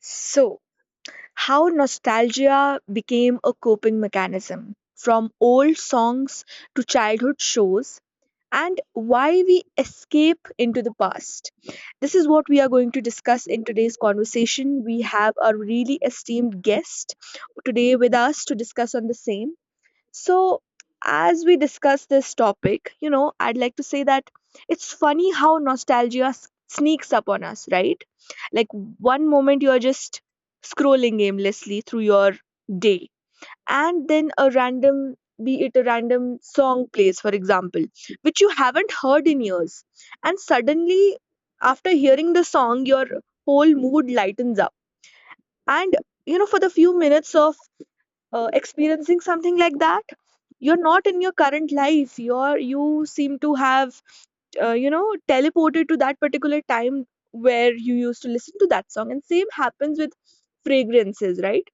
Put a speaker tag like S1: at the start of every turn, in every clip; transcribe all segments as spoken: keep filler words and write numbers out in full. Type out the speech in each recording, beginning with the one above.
S1: So, how nostalgia became a coping mechanism, from old songs to childhood shows, and why we escape into the past. This is what we are going to discuss in today's conversation. We have a really esteemed guest today with us to discuss on the same. So, as we discuss this topic, you know, I'd like to say that it's funny how nostalgia s- sneaks up on us, right? Like one moment you're just scrolling aimlessly through your day, and then a random, be it a random song plays, for example, which you haven't heard in years. And suddenly, after hearing the song, your whole mood lightens up. And, you know, for the few minutes of uh, experiencing something like that, you're not in your current life, you're you seem to have uh, you know teleported to that particular time where you used to listen to that song. And same happens with fragrances, right?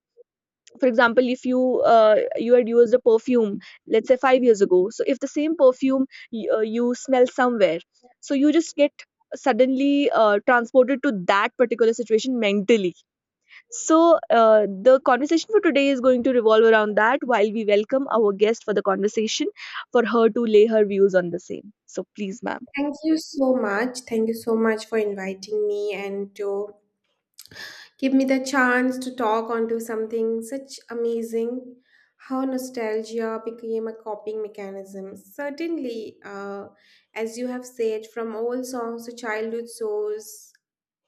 S1: For example, if you uh, you had used a perfume, let's say five years ago, so if the same perfume y- uh, you smell somewhere, so you just get suddenly uh, transported to that particular situation mentally. So, uh, the conversation for today is going to revolve around that while we welcome our guest for the conversation for her to lay her views on the same. So, please, ma'am.
S2: Thank you so much. Thank you so much for inviting me and to give me the chance to talk onto something such amazing. How nostalgia became a coping mechanism. Certainly, uh, as you have said, from old songs to childhood songs,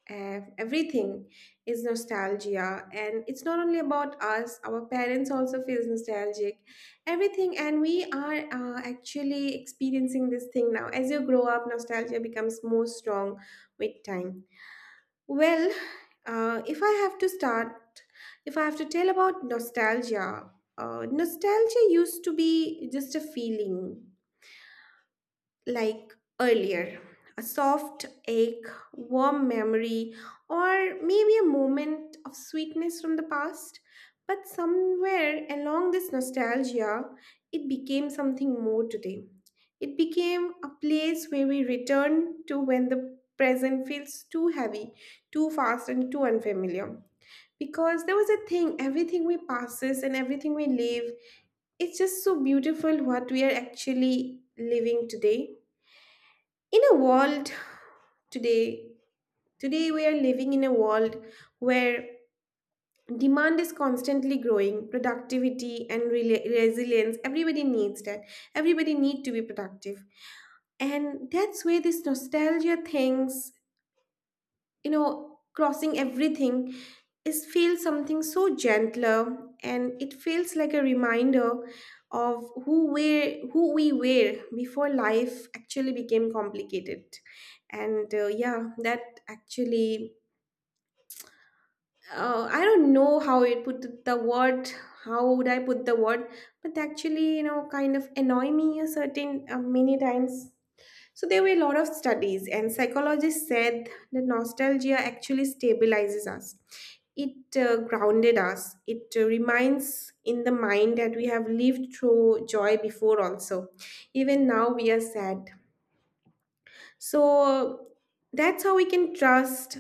S2: ev- everything is nostalgia, and it's not only about us, our parents also feels nostalgic everything, and we are uh, actually experiencing this thing now. As you grow up, nostalgia becomes more strong with time. Well, uh, if I have to start, if I have to tell about nostalgia, uh, nostalgia used to be just a feeling, like, earlier, a soft ache, warm memory, or maybe a moment of sweetness from the past. But somewhere along this nostalgia, it became something more today. It became a place where we return to when the present feels too heavy, too fast, and too unfamiliar. Because there was a thing, everything we passes and everything we live, it's just so beautiful what we are actually living today in a world, today, today we are living in a world where demand is constantly growing, productivity and rela- resilience, everybody needs that, everybody need to be productive. And that's where this nostalgia things, you know, crossing everything, is feels something so gentler, and it feels like a reminder of who we, who we were before life actually became complicated. And uh, yeah, that actually, uh, I don't know how it put the word, how would I put the word, but actually, you know, kind of annoy me a certain uh, many times. So there were a lot of studies, and psychologists said that nostalgia actually stabilizes us. It uh, grounded us. It uh, reminds in the mind that we have lived through joy before, also. Even now, we are sad. So that's how we can trust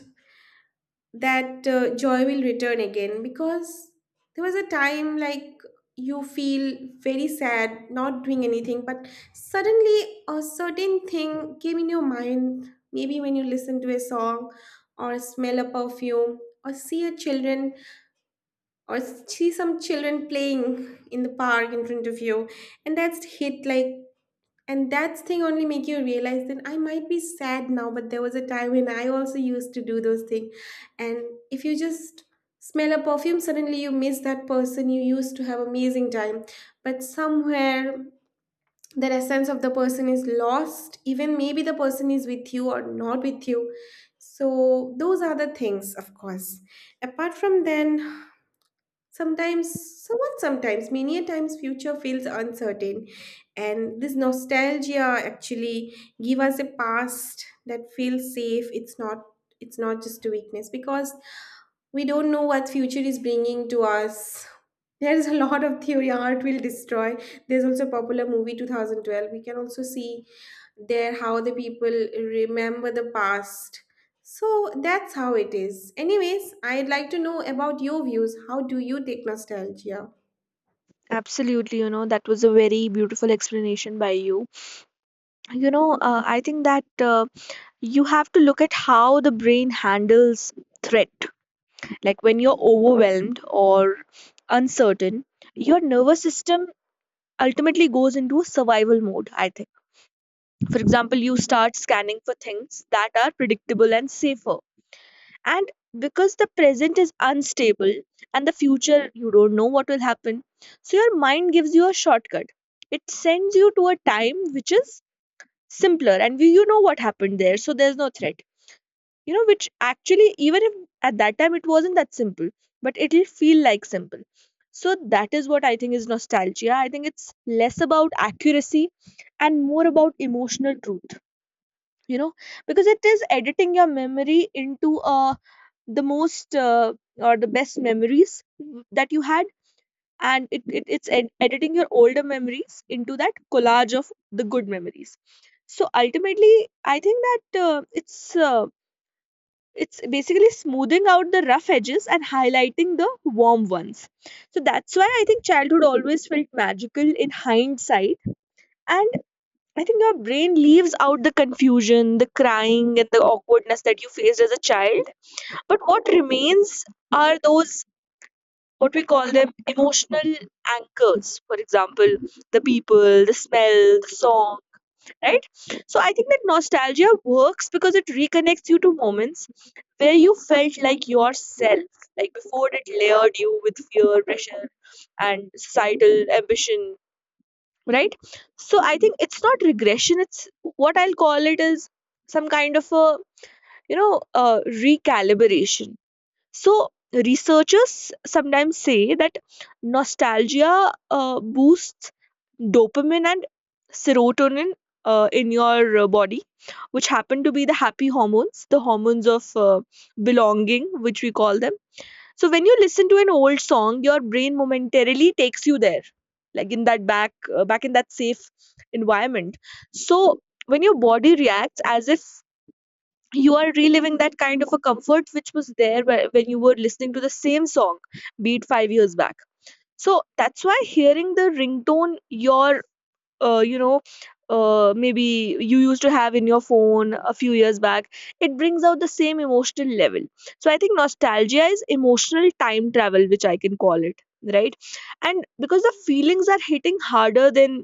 S2: that uh, joy will return again, because there was a time, like, you feel very sad not doing anything, but suddenly a certain thing came in your mind, maybe when you listen to a song or smell a perfume or see a children or see some children playing in the park in front of you, and that's hit, like, and that thing only make you realize that I might be sad now, but there was a time when I also used to do those things. And if you just smell a perfume, suddenly you miss that person you used to have amazing time. But somewhere, the essence of the person is lost, even maybe the person is with you or not with you. So those are the things, of course. Apart from then, sometimes, so what sometimes, many a times future feels uncertain. And this nostalgia actually give us a past that feels safe. It's not, it's not just a weakness, because we don't know what future is bringing to us. There is a lot of theory, art will destroy. There's also a popular movie two thousand twelve. We can also see there how the people remember the past. So that's how it is. Anyways, I'd like to know about your views. How do you take nostalgia?
S1: Absolutely, you know, that was a very beautiful explanation by you. You know, uh, I think that uh, you have to look at how the brain handles threat. Like when you're overwhelmed or uncertain, your nervous system ultimately goes into a survival mode, I think. For example, you start scanning for things that are predictable and safer, and because the present is unstable and the future you don't know what will happen, so your mind gives you a shortcut. It sends you to a time which is simpler, and we, you know what happened there, so there's no threat, you know which actually, even if at that time it wasn't that simple, but it'll feel like simple. So that is what I think is nostalgia. I think it's less about accuracy and more about emotional truth, you know because it is editing your memory into a the most, uh, or the best memories that you had. And it, it it's ed- editing your older memories into that collage of the good memories. So ultimately, I think that uh, it's uh, it's basically smoothing out the rough edges and highlighting the warm ones. So that's why I think childhood always felt magical in hindsight. And I think your brain leaves out the confusion, the crying, and the awkwardness that you faced as a child. But what remains are those what we call them emotional anchors, for example, the people, the smell, the song, right? So I think that nostalgia works because it reconnects you to moments where you felt like yourself, like before it layered you with fear, pressure, and societal ambition, right? So I think it's not regression. It's what I'll call it is some kind of a, you know uh, recalibration. So, researchers sometimes say that nostalgia uh, boosts dopamine and serotonin uh, in your uh, body, which happen to be the happy hormones, the hormones of uh, belonging, which we call them. So, when you listen to an old song, your brain momentarily takes you there, like in that back, uh, back in that safe environment. So, when your body reacts as if you are reliving that kind of a comfort which was there whe- when you were listening to the same song, be it five years back. So that's why hearing the ringtone, your, uh, you know uh, maybe you used to have in your phone a few years back, it brings out the same emotional level. So I think nostalgia is emotional time travel, which I can call it, right? And because the feelings are hitting harder than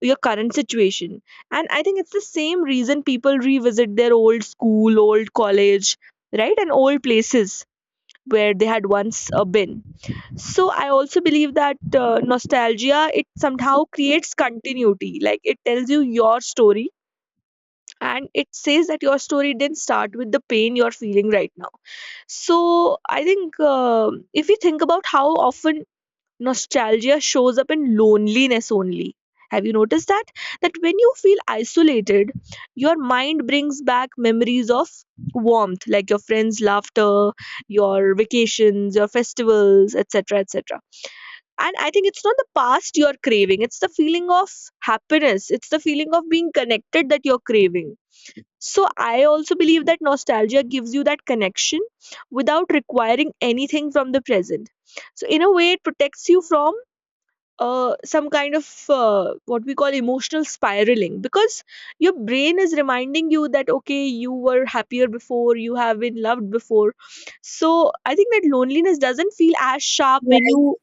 S1: your current situation. And I think it's the same reason people revisit their old school, old college, right, and old places where they had once uh, been. So I also believe that uh, nostalgia, it somehow creates continuity. Like it tells you your story, and it says that your story didn't start with the pain you're feeling right now. So I think um if we think about how often nostalgia shows up in loneliness only, have you noticed that, that when you feel isolated, your mind brings back memories of warmth, like your friends laughter, your vacations, your festivals, etc., etc. And I think it's not the past you're craving, it's the feeling of happiness, it's the feeling of being connected that you're craving. So I also believe that nostalgia gives you that connection without requiring anything from the present. So in a way, it protects you from uh, some kind of uh, what we call emotional spiraling, because your brain is reminding you that okay, you were happier before, you have been loved before. So I think that loneliness doesn't feel as sharp when you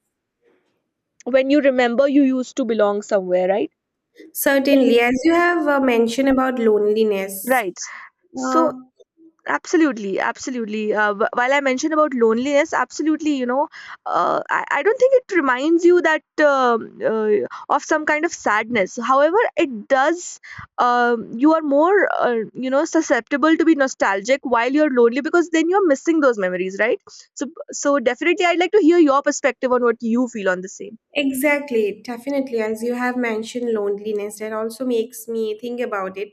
S1: when you remember you used to belong somewhere, right?
S2: Certainly, as you have uh, mentioned about loneliness,
S1: Right.
S2: uh,
S1: So. Absolutely, absolutely. Uh, wh- while I mentioned about loneliness, absolutely, you know, uh, I, I don't think it reminds you that, um uh, of some kind of sadness. However, it does, um, you are more, uh, you know, susceptible to be nostalgic while you're lonely because then you're missing those memories, right? So, so definitely, I'd like to hear your perspective on what you feel on the same.
S2: exactly, definitely. As you have mentioned, loneliness that also makes me think about it.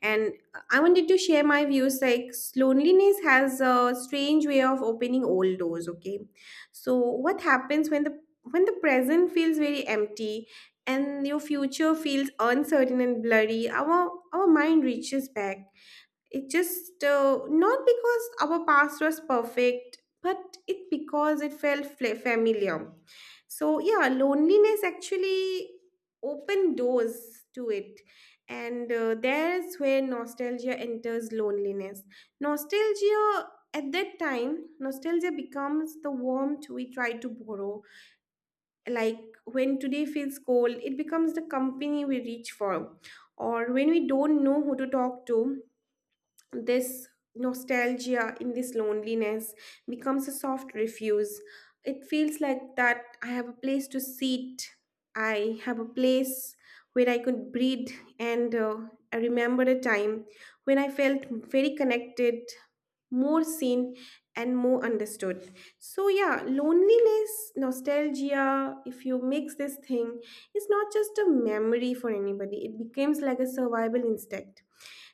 S2: And I wanted to share my views, like, loneliness has a strange way of opening old doors. Okay. So, what happens when the, when the present feels very empty and your future feels uncertain and blurry, our our mind reaches back, it just uh, not because our past was perfect, but it because it felt fla- familiar. So yeah, loneliness actually opened doors to it, and uh, there's where nostalgia enters loneliness. Nostalgia, at that time, nostalgia becomes the warmth we try to borrow. Like when today feels cold, it becomes the company we reach for, or when we don't know who to talk to, this nostalgia in this loneliness becomes a soft refuse. It feels like that I have a place to sit, I have a place where I could breathe, and uh, I remember a time when I felt very connected, more seen, and more understood. So yeah, loneliness, nostalgia, if you mix this thing, it's not just a memory for anybody, it becomes like a survival instinct.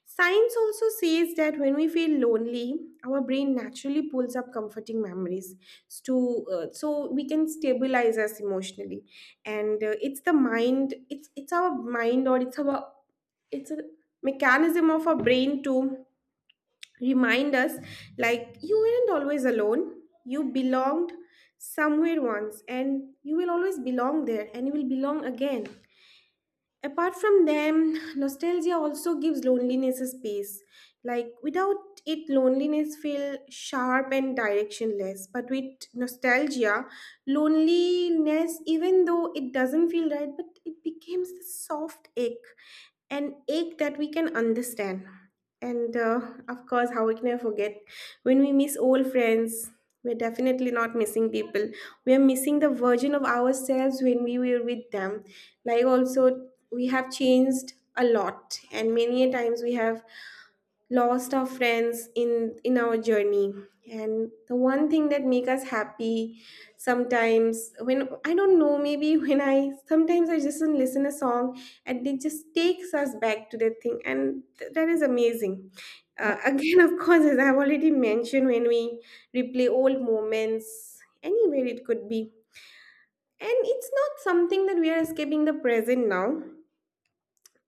S2: Science also says that when we feel lonely, our brain naturally pulls up comforting memories to, uh, so we can stabilize us emotionally. And uh, it's the mind, it's it's our mind, or it's our, it's a mechanism of our brain to remind us, like, you weren't always alone. You belonged somewhere once, and you will always belong there, and you will belong again. Apart from them, nostalgia also gives loneliness a space. Like without it, loneliness feels sharp and directionless. But with nostalgia, loneliness, even though it doesn't feel right, but it becomes a soft ache, an ache that we can understand. And uh, of course, how can I forget, when we miss old friends, we're definitely not missing people. We are missing the version of ourselves when we were with them. Like, also, we have changed a lot, and many a times we have lost our friends in in our journey, and the one thing that make us happy sometimes, when I don't know, maybe when I sometimes I just listen a song, and it just takes us back to that thing, and th- that is amazing. Uh, again, of course, as I've already mentioned, when we replay old moments, anywhere it could be, and it's not something that we are escaping the present now,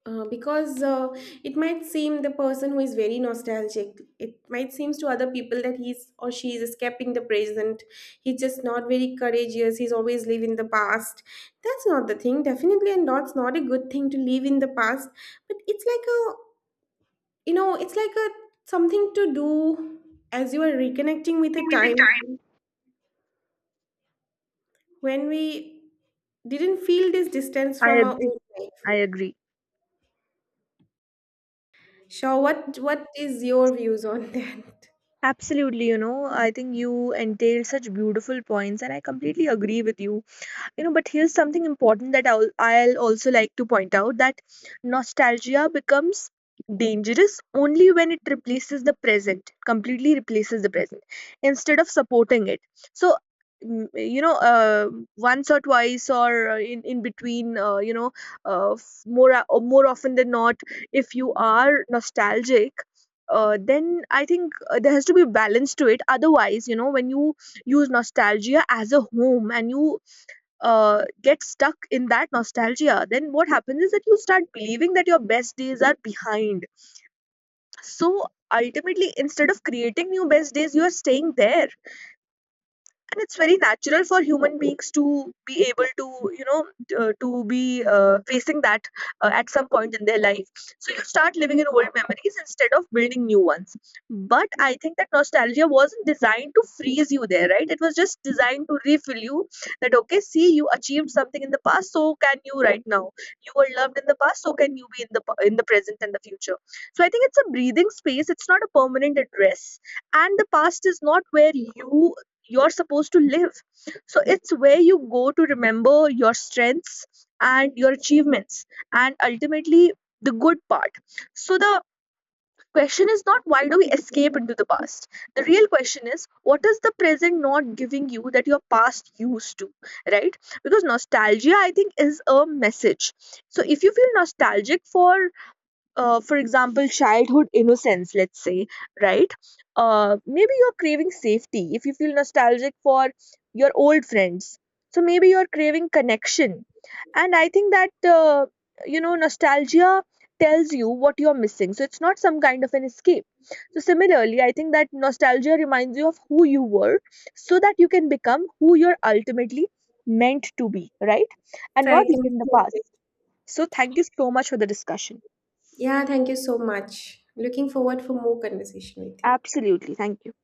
S2: uh, because uh, it might seem the person who is very nostalgic, it might seems to other people that he's or she is escaping the present, he's just not very courageous, he's always live in the past. That's not the thing, definitely, and that's not a good thing to live in the past. But it's like a, you know, it's like a something to do, as you are reconnecting with a
S1: With the
S2: time
S1: time.
S2: when we didn't feel this distance
S1: I
S2: from our
S1: agree.
S2: own life.
S1: I agree.
S2: So what what is your views on that?
S1: Absolutely. You know, I think you entailed such beautiful points, and I completely agree with you. You know but here's something important that I'll, I'll also like to point out that nostalgia becomes dangerous only when it replaces the present, completely replaces the present, instead of supporting it. So mm, you know uh, once or twice, or uh, in, in between, uh, you know uh, f- more o- more often than not, if you are nostalgic, uh, then I think uh, there has to be balance to it. Otherwise, you know, when you use nostalgia as a home and you uh, get stuck in that nostalgia, then what happens is that you start believing that your best days are behind. So ultimately, instead of creating new best days, you are staying there, and it's very natural for human beings to be able to, you know uh, to be uh, facing that uh, at some point in their life, so you start living in old memories instead of building new ones. But I think that nostalgia wasn't designed to freeze you there, right? It was just designed to refill you, that okay, see, you achieved something in the past, so can you right now? You were loved in the past, so can you be in the p- in the present and the future? So I think it's a breathing space, it's not a permanent address, and the past is not where you you're supposed to live. So it's where you go to remember your strengths and your achievements, and ultimately the good part. So the question is not, why do we escape into the past? The real question is, what is the present not giving you that your past used to, right? Because nostalgia, I think, is a message. So if you feel nostalgic for, uh, for example, childhood innocence, let's say, right? Uh, maybe you're craving safety if you feel nostalgic for your old friends. So maybe you're craving connection. And I think that, uh, you know, nostalgia tells you what you're missing. So it's not some kind of an escape. So similarly, I think that nostalgia reminds you of who you were so that you can become who you're ultimately meant to be, right? And
S2: So I
S1: not
S2: can,
S1: in the past. So thank you so much for the discussion.
S2: yeah, thank you so much. Looking forward for more conversation with you.
S1: Absolutely. Thank you.